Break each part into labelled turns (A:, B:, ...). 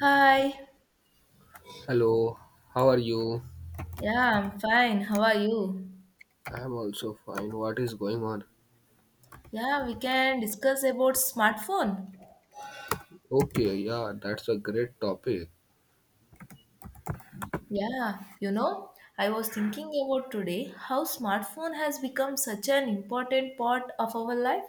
A: Hi.
B: Hello, how are you?
A: Yeah, I'm fine. How are you?
B: I'm also fine. What is going on?
A: Yeah, we can discuss about smartphone.
B: Okay, yeah, that's a great topic.
A: Yeah, you know, I was thinking about today how smartphone has become such an important part of our life.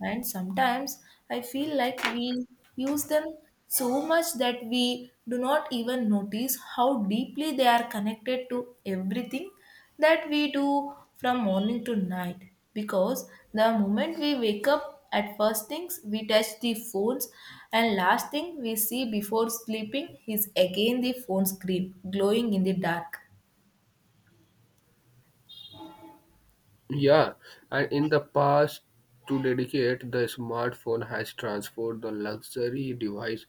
A: And sometimes I feel like we use them so much that we do not even notice how deeply they are connected to everything that we do from morning to night. Because the moment we wake up, at first things we touch the phones, and last thing we see before sleeping is again the phone screen glowing in the dark.
B: Yeah, and in the past, to dedicate, the smartphone has transformed the luxury device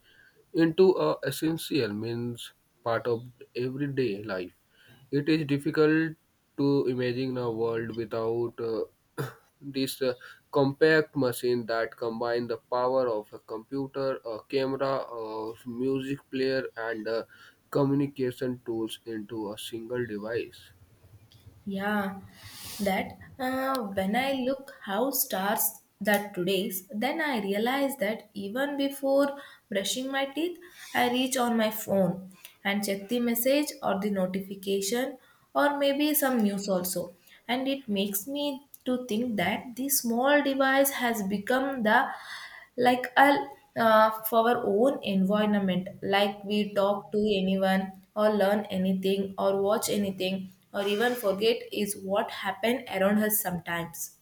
B: into a essential means part of everyday life. It is difficult to imagine a world without this compact machine that combine the power of a computer, a camera, a music player, and communication tools into a single device.
A: Yeah, that when I look how stars that today's, then I realize that even before brushing my teeth, I reach on my phone and check the message or the notification or maybe some news also. And it makes me to think that this small device has become the like I'll, for our own environment like we talk to anyone or learn anything or watch anything or even forget is what happened around us sometimes.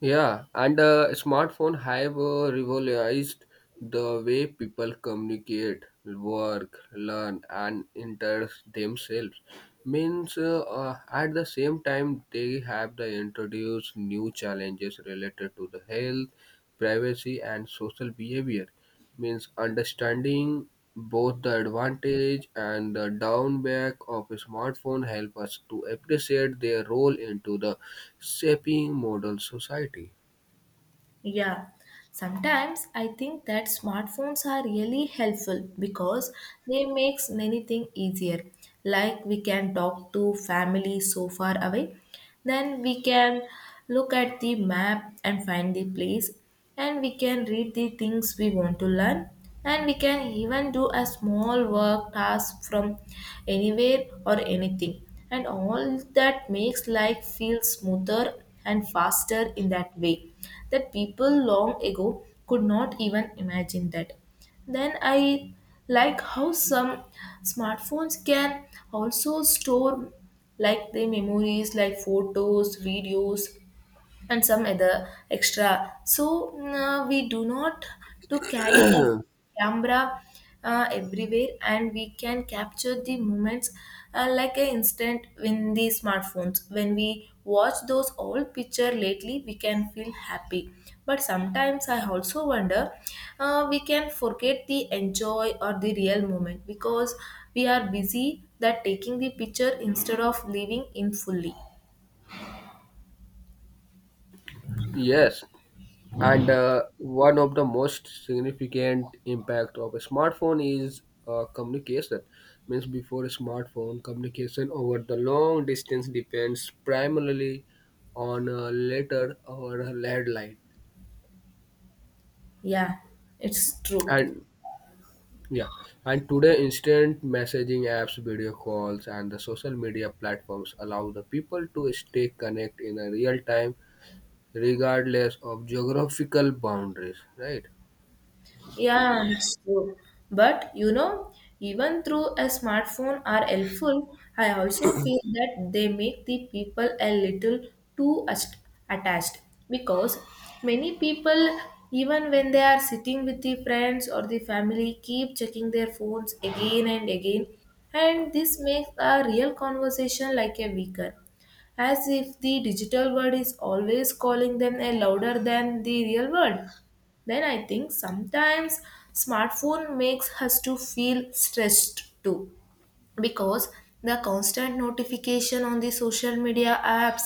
B: Yeah, and smartphone have revolutionized the way people communicate, work, learn, and interest themselves. Means at the same time they have the introduced new challenges related to the health, privacy, and social behavior means understanding both the advantage and the downback of a smartphone help us to appreciate their role into the shaping modern society.
A: Yeah, sometimes I think that smartphones are really helpful because they makes many things easier. Like we can talk to family so far away, then we can look at the map and find the place, and we can read the things we want to learn and we can even do a small work task from anywhere or anything, and all that makes life feel smoother and faster in that way that people long ago could not even imagine that. Then I like how some smartphones can also store like the memories like photos, videos and some other extra. So we do not to carry a camera everywhere, and we can capture the moments like an instant in the smartphones. When we watch those old picture lately, we can feel happy. But sometimes I also wonder, we can forget the enjoy or the real moment because we are busy that taking the picture instead of living in fully.
B: Yes, and one of the most significant impact of a smartphone is communication. Means before a smartphone, communication over the long distance depends primarily on a letter or a landline
A: Yeah, it's true.
B: and, yeah, and today instant messaging apps, video calls, and the social media platforms allow the people to stay connected in a real time regardless of geographical boundaries, right?
A: Yeah, it's true. But you know, even through a smartphone are helpful, I also feel that they make the people a little too ast- attached, because many people, even when they are sitting with the friends or the family, keep checking their phones again and again, and this makes a real conversation like a weaker, as if the digital world is always calling them a louder than the real world. Then I think sometimes smartphone makes us to feel stressed too, because the constant notification on the social media apps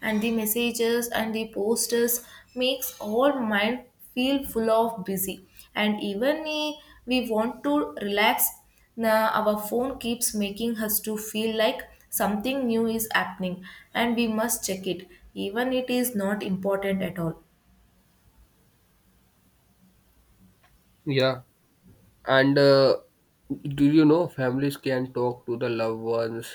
A: and the messages and the posters makes our mind feel full of busy. And even we want to relax, now our phone keeps making us to feel like something new is happening and we must check it, even it is not important at all.
B: Yeah, and do you know families can talk to the loved ones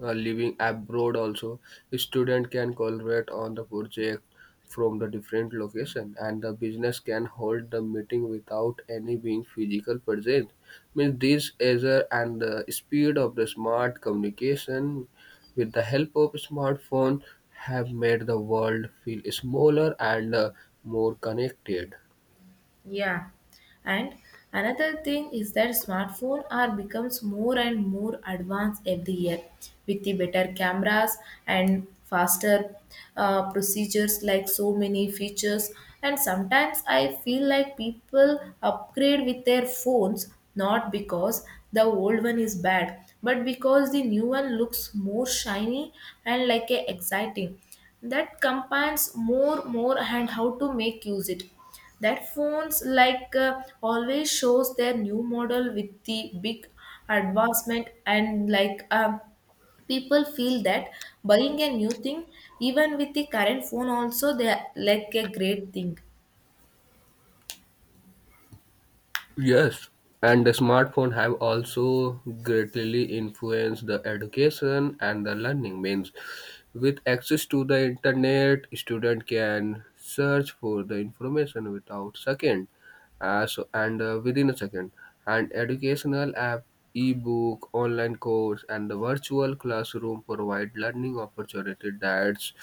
B: living abroad also? Student can collaborate on the project from the different location, and the business can hold the meeting without any being physical present. Means and the speed of the smart communication with the help of smartphone have made the world feel smaller and more connected.
A: Yeah, and another thing is that smartphone are becomes more and more advanced every year with the better cameras and faster procedures like so many features. And sometimes I feel like people upgrade with their phones not because the old one is bad, but because the new one looks more shiny and like a exciting. That combines more and how to make use it, that phones like always shows their new model with the big advancement and like people feel that buying a new thing, even with the current phone also they are like a great thing.
B: Yes, and the smartphone have also greatly influenced the education and the learning means with access to the internet student can search for the information without second so, and within a second and educational app ebook online course and the virtual classroom provide learning opportunity that's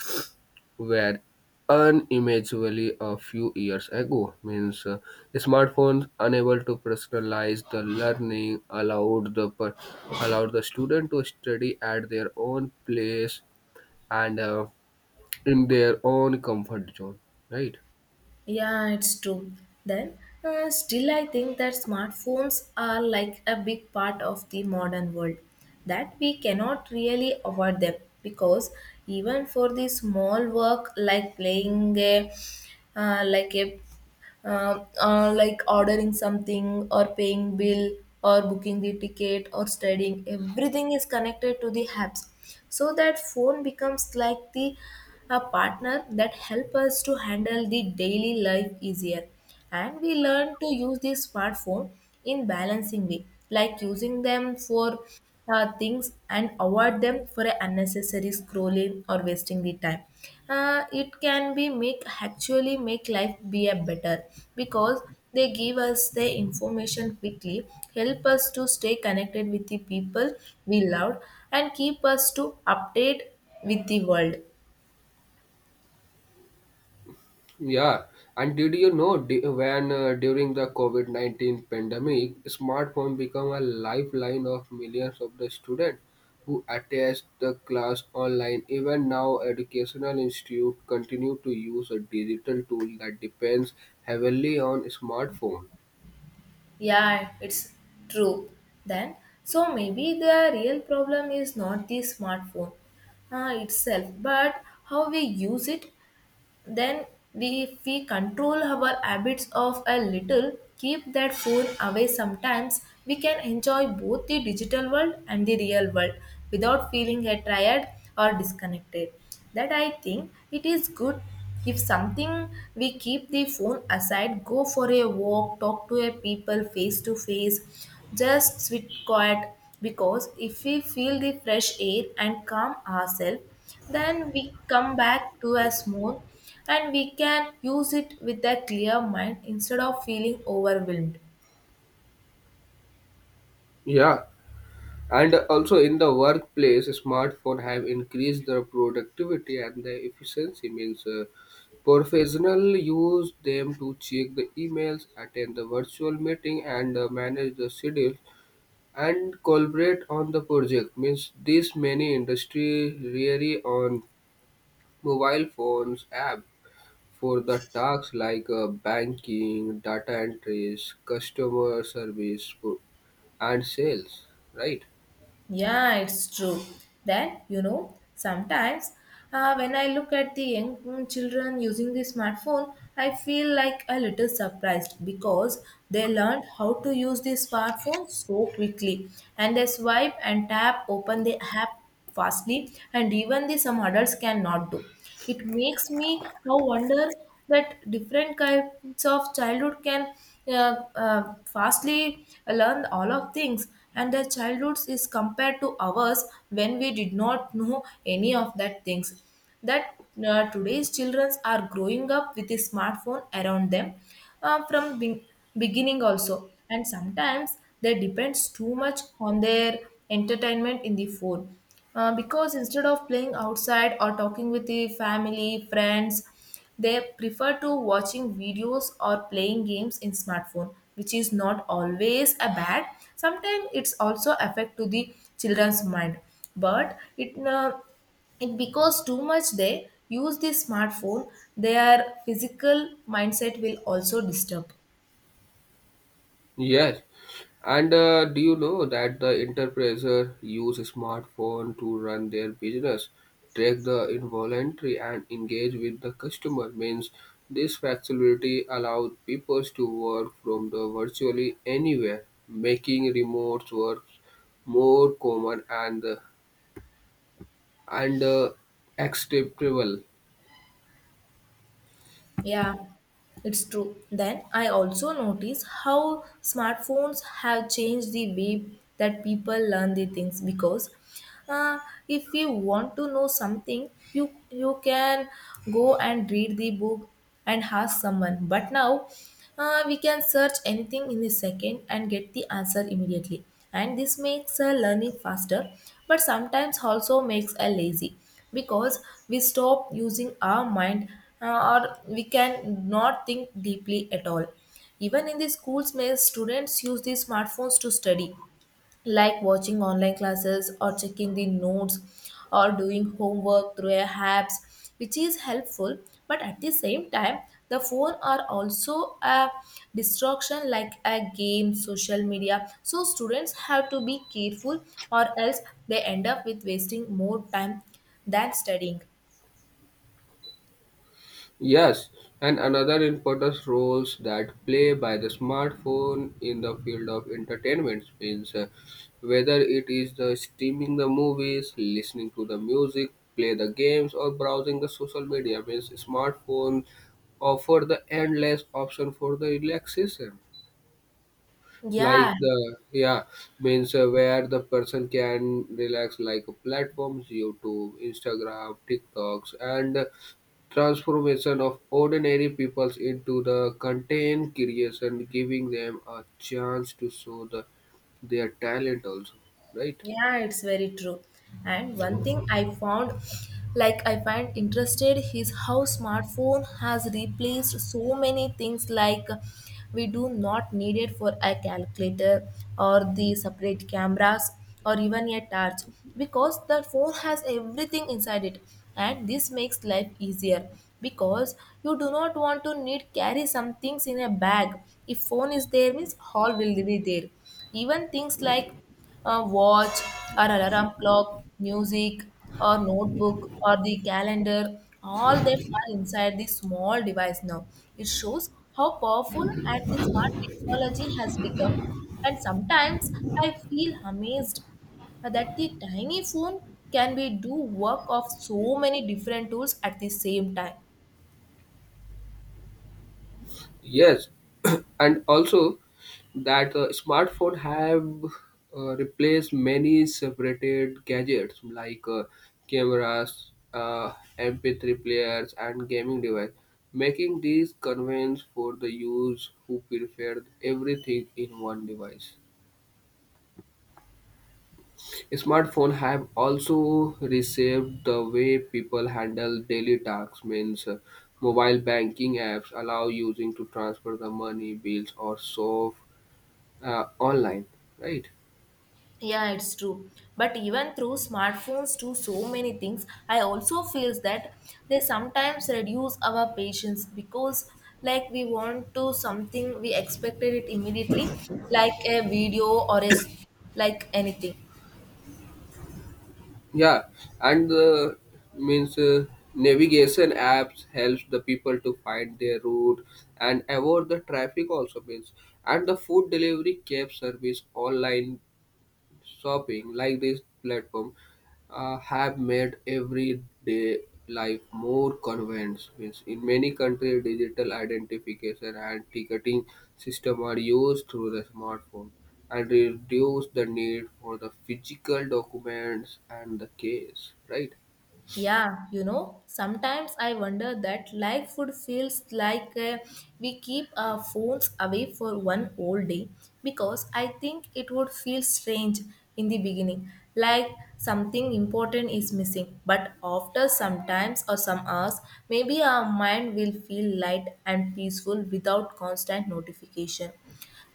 B: were unimaginable a few years ago. Means smartphones unable to personalize the learning allowed the student to study at their own place and in their own comfort zone. Right.
A: Yeah, it's true. Then, still, I think that smartphones are like a big part of the modern world, that we cannot really avoid them, because even for the small work like playing a like a like ordering something or paying bill or booking the ticket or studying, everything is connected to the apps, so that phone becomes like the a partner that help us to handle the daily life easier. And we learn to use the smartphone in balancing way like using them for things and avoid them for a unnecessary scrolling or wasting the time. It can be make actually make life be a better, because they give us the information quickly, help us to stay connected with the people we love, and keep us to update with the world.
B: Yeah, and did you know d- when during the COVID-19 pandemic, smartphone become a lifeline of millions of the students who attend the class online. Even now, educational institute continue to use a digital tool that depends heavily on smartphone.
A: Yeah, it's true. Then, so maybe the real problem is not the smartphone itself but how we use it. Then we, if we control our habits of a little, keep that phone away sometimes, we can enjoy both the digital world and the real world without feeling a tired or disconnected. That I think it is good if something we keep the phone aside, go for a walk, talk to a people face to face, just sit quiet, because if we feel the fresh air and calm ourselves, then we come back to a smooth and we can use it with a clear mind instead of feeling overwhelmed.
B: Yeah, and also in the workplace, smartphone have increased the productivity and the efficiency. Means professional use them to check the emails, attend the virtual meeting, and manage the schedule and collaborate on the project. Means this many industry really on mobile phones app for the tasks like banking, data entries, customer service, and sales. Right.
A: Yeah, it's true. Then, you know, sometimes when I look at the young children using the smartphone, I feel like a little surprised because they learned how to use the smartphone so quickly, and they swipe and tap open the app fastly, and even the some adults cannot do. It makes me now wonder that different kinds of childhood can uh, fastly learn all of things, and their childhoods is compared to ours when we did not know any of that things. That today's children are growing up with a smartphone around them uh, from be- beginning also, and sometimes they depends too much on their entertainment in the phone. Because instead of playing outside or talking with the family, friends, they prefer to watching videos or playing games in smartphone, which is not always a bad. Sometimes it's also affect to the children's mind, but it because too much they use the smartphone, their physical mindset will also disturb.
B: Yes, and do you know that the enterprises use smartphone to run their business, track the involuntary, and engage with the customer? Means this flexibility allows people to work from the virtually anywhere, making remote work more common and and uh, acceptable.
A: Yeah, it's true. Then I also notice how smartphones have changed the way that people learn the things, because uh, if you want to know something, you can go and read the book and ask someone. But now we can search anything in a second and get the answer immediately. And this makes learning faster, but sometimes also makes a lazy, because we stop using our mind or we can not think deeply at all. Even in the schools, may students use these smartphones to study, like watching online classes or checking the notes or doing homework through a apps, which is helpful. But at the same time, the phone are also a distraction like a game, social media. So students have to be careful, or else they end up with wasting more time than studying.
B: Yes, and another important roles that play by the smartphone in the field of entertainment means whether it is the streaming the movies, listening to the music, play the games, or browsing the social media means smartphone offer the endless option for the relaxation like
A: Yeah.
B: the, yeah, means where the person can relax like platforms YouTube Instagram TikToks and transformation of ordinary peoples into the content creation giving them a chance to show their talent also, right.
A: Yeah, it's very true. And one thing I found, like I find interested, is how smartphone has replaced so many things like we do not need it for a calculator or the separate cameras or even a torch, because the phone has everything inside it, and this makes life easier, because you do not want to need carry some things in a bag. If phone is there means all will be there, even things like a watch or an alarm clock, music or notebook or the calendar, all them are inside the small device now. It shows how powerful and the smart technology has become, and sometimes I feel amazed that the tiny phone can be do work of so many different tools at the same time.
B: Yes, and also that smartphone have replaced many separated gadgets like cameras, MP3 players, and gaming device, making these convenience for the use who prefer everything in one device. Smartphone have also reshaped the way people handle daily tasks. Means mobile banking apps allow using to transfer the money, bills, or shop online, right?
A: Yeah, it's true. But even through smartphones to so many things, I also feels that they sometimes reduce our patience, because like we want to something we expected it immediately, like a video or like anything.
B: Yeah, and means navigation apps helps the people to find their route and avoid the traffic also. Means and the food delivery cab service online shopping like this platform have made everyday life more convenient. Means in many countries, digital identification and ticketing system are used through the smartphone and reduce the need for the physical documents and the case, right?
A: Yeah, you know, sometimes I wonder that life food feels like we keep our phones away for one whole day, because I think it would feel strange in the beginning, like something important is missing. But after some times or some hours, maybe our mind will feel light and peaceful without constant notification.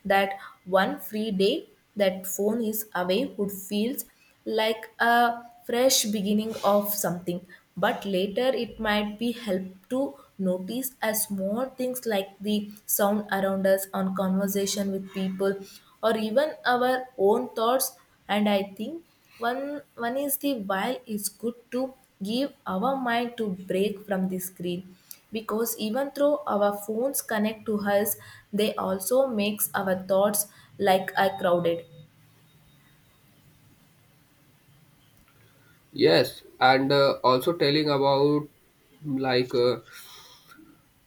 A: That one free day that phone is away would feels like a fresh beginning of something. But later it might be help to notice as small things like the sound around us on conversation with people or even our own thoughts. And I think one is the why it's good to give our mind to break from the screen, because even though our phones connect to us, they also makes our thoughts like are crowded.
B: Yes, and also telling about like. Uh,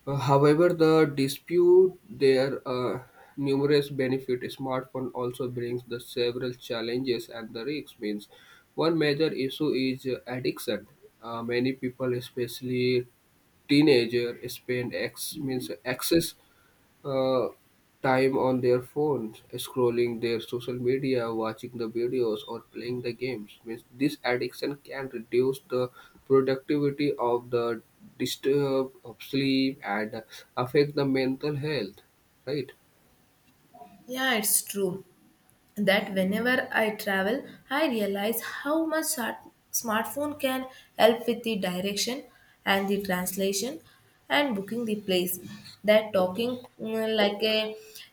B: Uh, However, the dispute their numerous benefit smartphone also brings the several challenges and the risks means one major issue is addiction. Many people, especially teenager, spend ex means excess uh, time on their phones, scrolling their social media, watching the videos, or playing the games. Means this addiction can reduce the productivity of the disturb of sleep and affect the mental health. Right?
A: Yeah, it's true that whenever I travel, I realize how much smartphone can help with the direction and the translation and booking the place. That talking like a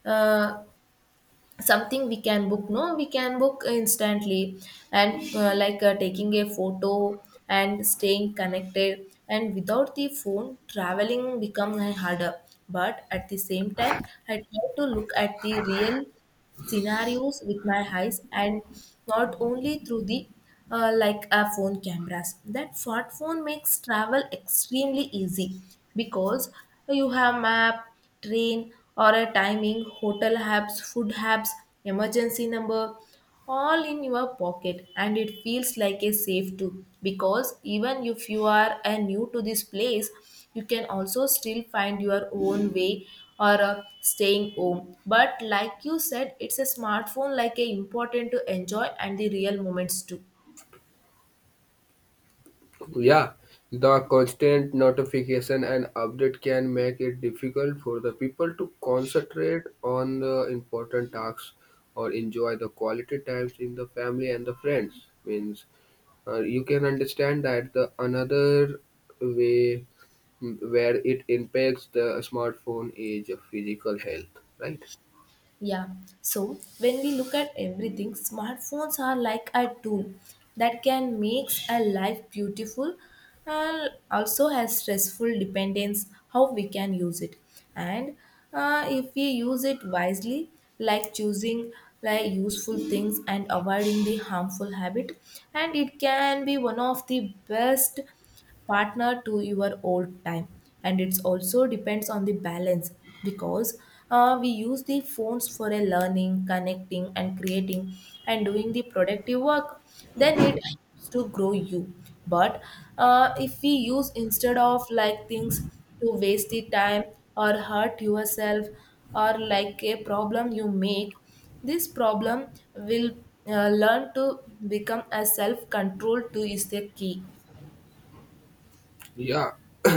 A: uh, something we can book, no, we can book instantly, and like taking a photo and staying connected, and without the phone traveling become harder. But at the same time, I try to look at the real scenarios with my eyes and not only through the like a phone cameras. That smartphone makes travel extremely easy, because you have map, train or a timing, hotel apps, food apps, emergency number, all in your pocket. And it feels like a safe too, because even if you are new to this place, you can also still find your own way or staying home. But like you said, it's a smartphone like a important to enjoy and the real moments too.
B: Yeah, the constant notification and update can make it difficult for the people to concentrate on the important tasks or enjoy the quality times in the family and the friends. Means you can understand that the another way, where it impacts the smartphone is physical health, right?
A: Yeah. So when we look at everything, smartphones are like a tool that can make a life beautiful and also has stressful dependence how we can use it. And if we use it wisely, like choosing like useful things and avoiding the harmful habit, and it can be one of the best partner to your old time. And it's also depends on the balance, because we use the phones for a learning, connecting and creating and doing the productive work, then it helps to grow you. But if we use instead of like things to waste the time or hurt yourself or like a problem you make, this problem will learn to become a self control to is the key.
B: Yeah,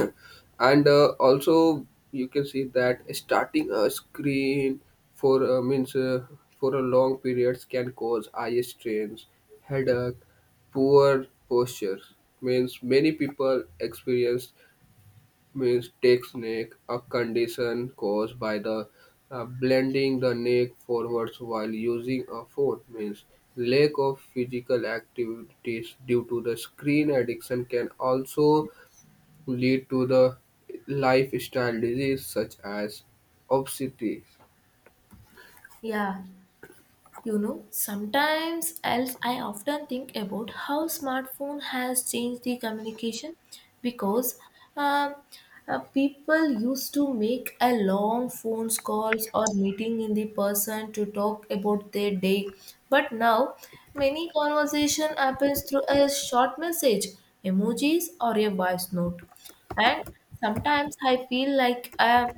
B: and also you can see that starting a screen for uh, means uh, for a long periods can cause eye strains, headache, poor posture. Means many people experience means tech neck, a condition caused by the blending the neck forwards while using a phone. Means lack of physical activities due to the screen addiction can also lead to the lifestyle disease such as obesity.
A: Yeah. You know, sometimes else I often think about how smartphone has changed the communication, because um, people used to make a long phone calls or meeting in the person to talk about their day. But now many conversation happens through a short message, emojis, or a voice note. And sometimes I feel like I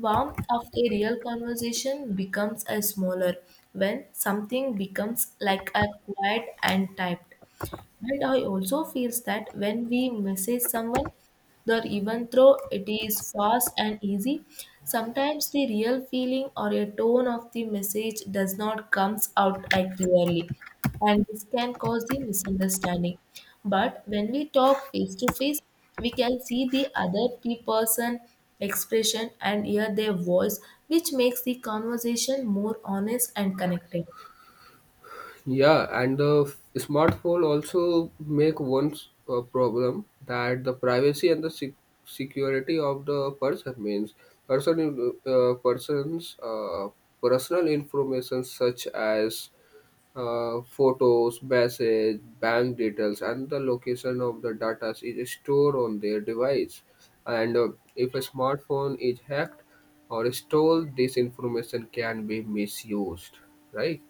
A: warmth of a real conversation becomes a smaller when something becomes like a quiet and typed. But I also feels that when we message someone, or even though it is fast and easy, sometimes the real feeling or a tone of the message does not comes out as clearly, and this can cause the misunderstanding. But when we talk face to face, we can see the other person expression and hear their voice, which makes the conversation more honest and connected.
B: Yeah, and the smartphone also make one problem that the privacy and the security of the person means person uh, person's uh, personal information such as photos, message, bank details, and the location of the data is stored on their device. And if a smartphone is hacked or stolen, this information can be misused, right?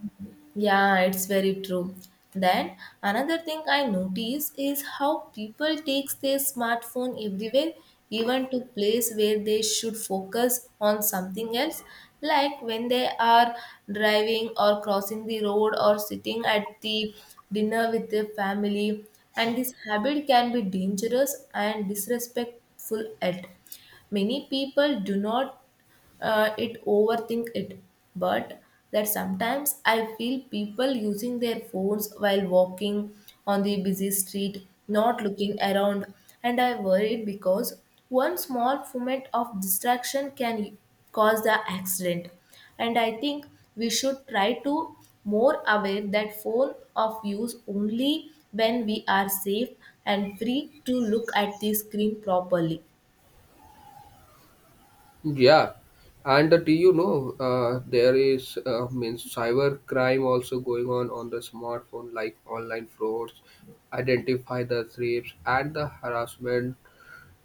A: Yeah, it's very true. Then another thing I notice is how people takes their smartphone everywhere, even to place where they should focus on something else, like when they are driving or crossing the road or sitting at the dinner with their family. And this habit can be dangerous and disrespectful at many people do not it overthink it. But that sometimes I feel people using their phones while walking on the busy street, not looking around, and I worried because one small moment of distraction can cause the accident. And I think we should try to more aware that phone of use only when we are safe and free to look at the screen properly.
B: Yeah, and do you know there is means cyber crime also going on the smartphone, like online frauds, identify the thieves, and the harassment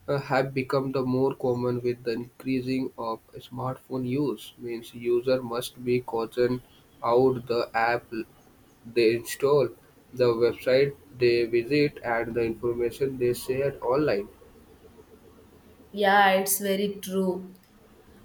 B: have become the more common with the increasing of smartphone use means user must be caution out the app they install, the website they visit, and the information they share online.
A: Yeah, it's very true.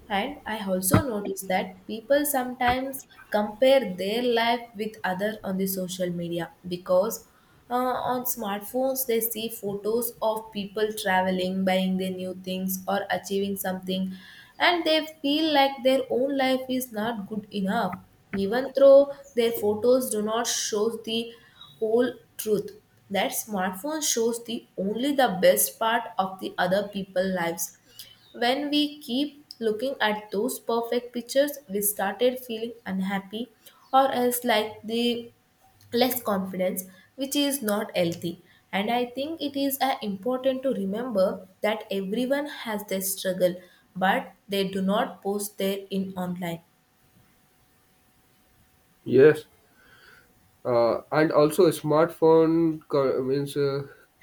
A: And I also notice that people sometimes compare their life with others on the social media, because on smartphones they see photos of people traveling, buying the new things, or achieving something, and they feel like their own life is not good enough, even though their photos do not show the whole truth. That smartphone shows the only the best part of the other people lives. When we keep looking at those perfect pictures, we started feeling unhappy or else like the less confidence, which is not healthy. And I think it is important to remember that everyone has their struggle, but they do not post their in online.
B: Yes, and also smartphone co- means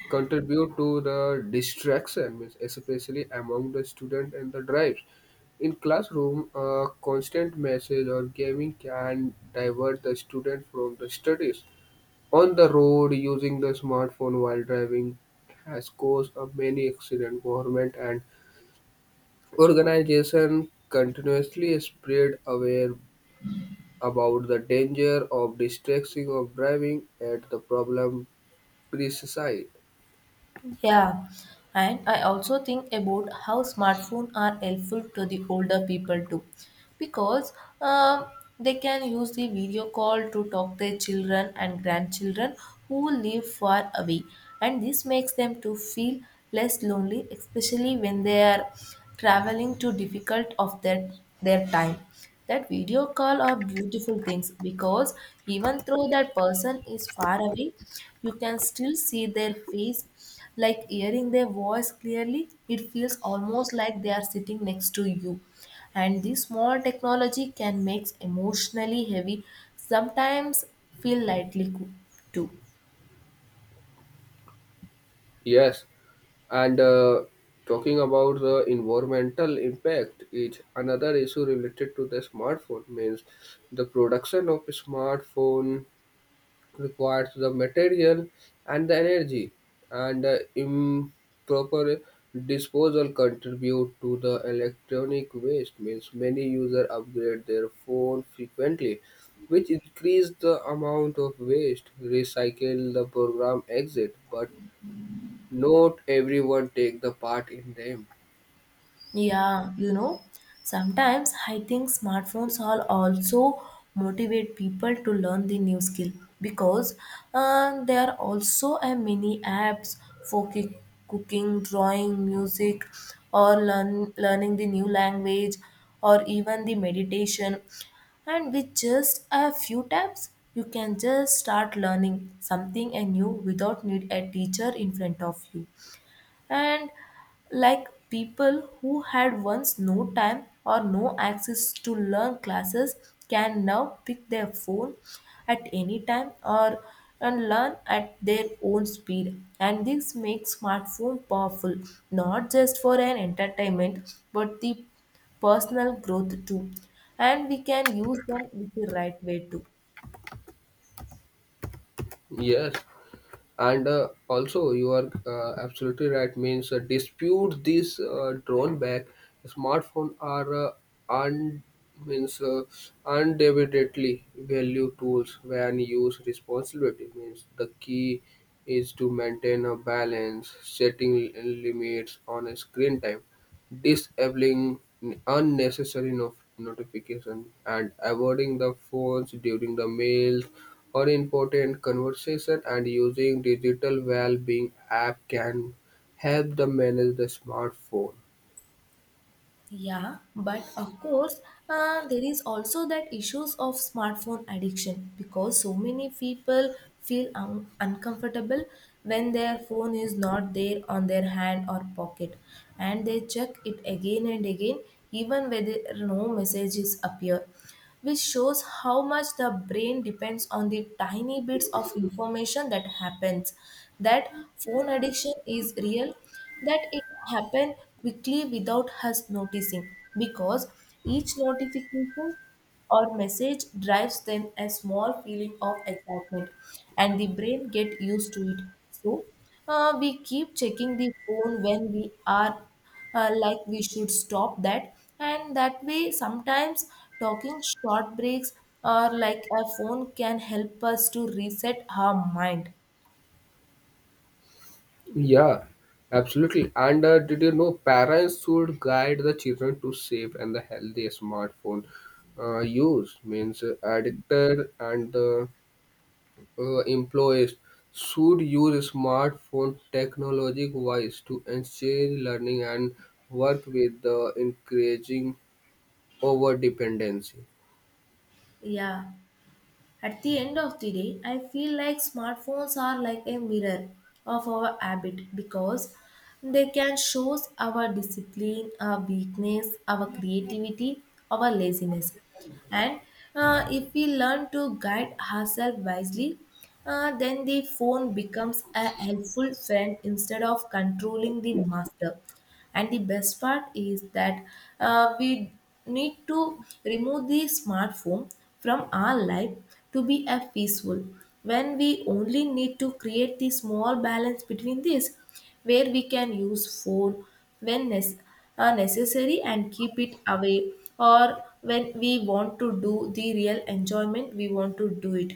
B: contribute to the distraction means especially among the student and the drives in classroom a constant message or gaming can divert the student from the studies on the road using the smartphone while driving has caused a many accident government and organization continuously spread aware about the danger of distracting of driving at the problem preside.
A: Yeah, and I also think about how smartphones are helpful to the older people too, because um, they can use the video call to talk their children and grandchildren who live far away, and this makes them to feel less lonely, especially when they are traveling to difficult of their time. That video call are beautiful things, because even though that person is far away, you can still see their face. Like hearing their voice clearly, it feels almost like they are sitting next to you. And this small technology can make emotionally heavy sometimes feel lightly too.
B: Yes, and talking about the environmental impact is another issue related to the smartphone means the production of smartphone requires the material and the energy, and improper disposal contribute to the electronic waste. Means many users upgrade their phone frequently, which increase the amount of waste. Recycle the program exit, but not everyone take the part in them.
A: Yeah, you know, sometimes I think smartphones are also motivate people to learn the new skill, because there are also a many apps for cooking, drawing, music, or learning the new language, or even the meditation. And with just a few taps, you can just start learning something anew without need a teacher in front of you. And like people who had once no time or no access to learn classes can now pick their phone at any time or and learn at their own speed. And this makes smartphone powerful, not just for an entertainment but the personal growth too, and we can use them with the right way too.
B: Yes, and also you are absolutely right means dispute this drone back smartphone are un means undebatedly value tools when used responsibility means the key is to maintain a balance setting limits on screen time disabling unnecessary notification and avoiding the phones during the meals or important conversation and using digital well-being app can help them manage the smartphone.
A: Yeah, but of course, there is also that issues of smartphone addiction, because so many people feel uncomfortable when their phone is not there on their hand or pocket, and they check it again and again, even whether no messages appear, which shows how much the brain depends on the tiny bits of information that happens. That phone addiction is real that it happened quickly without us noticing, because each notification or message drives them a small feeling of excitement, and the brain get used to it. So we keep checking the phone when we are like we should stop that. And that way sometimes talking short breaks or like a phone can help us to reset our mind.
B: Yeah, absolutely, and did you know parents should guide the children to safe and the healthy smartphone use means addicted and employees should use smartphone technology wise to encourage learning and work with the increasing over dependency.
A: Yeah. At the end of the day, I feel like smartphones are like a mirror of our habit, because they can show us our discipline, our weakness, our creativity, our laziness. And if we learn to guide ourselves wisely, then the phone becomes a helpful friend instead of controlling the master. And the best part is that we need to remove the smartphone from our life to be a peaceful, when we only need to create the small balance between this, where we can use phone when necessary and keep it away, or when we want to do the real enjoyment we want to do it.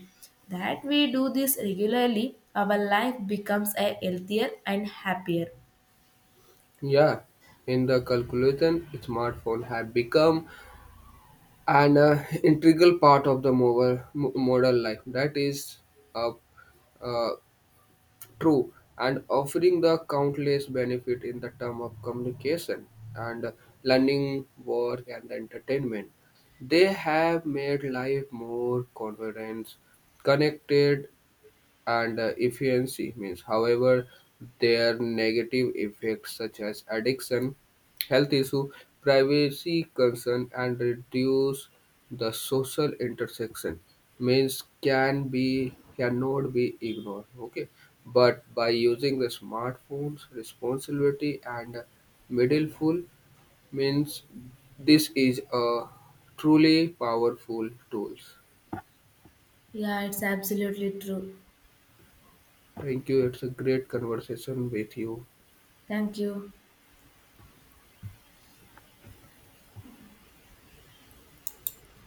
A: That we do this regularly, our life becomes a healthier and happier.
B: Yeah, in the calculation, smartphone have become an integral part of the modern life. That is a uh, true, and offering the countless benefit in the term of communication and learning, work, and entertainment. They have made life more convenient, connected, and efficiency means however their negative effects such as addiction, health issue, privacy concern, and reduce the social intersection means cannot be ignored. Okay, but by using the smartphones responsibility and mindful means this is a truly powerful tools.
A: Yeah, it's absolutely true.
B: Thank you, it's a great conversation with you.
A: Thank you.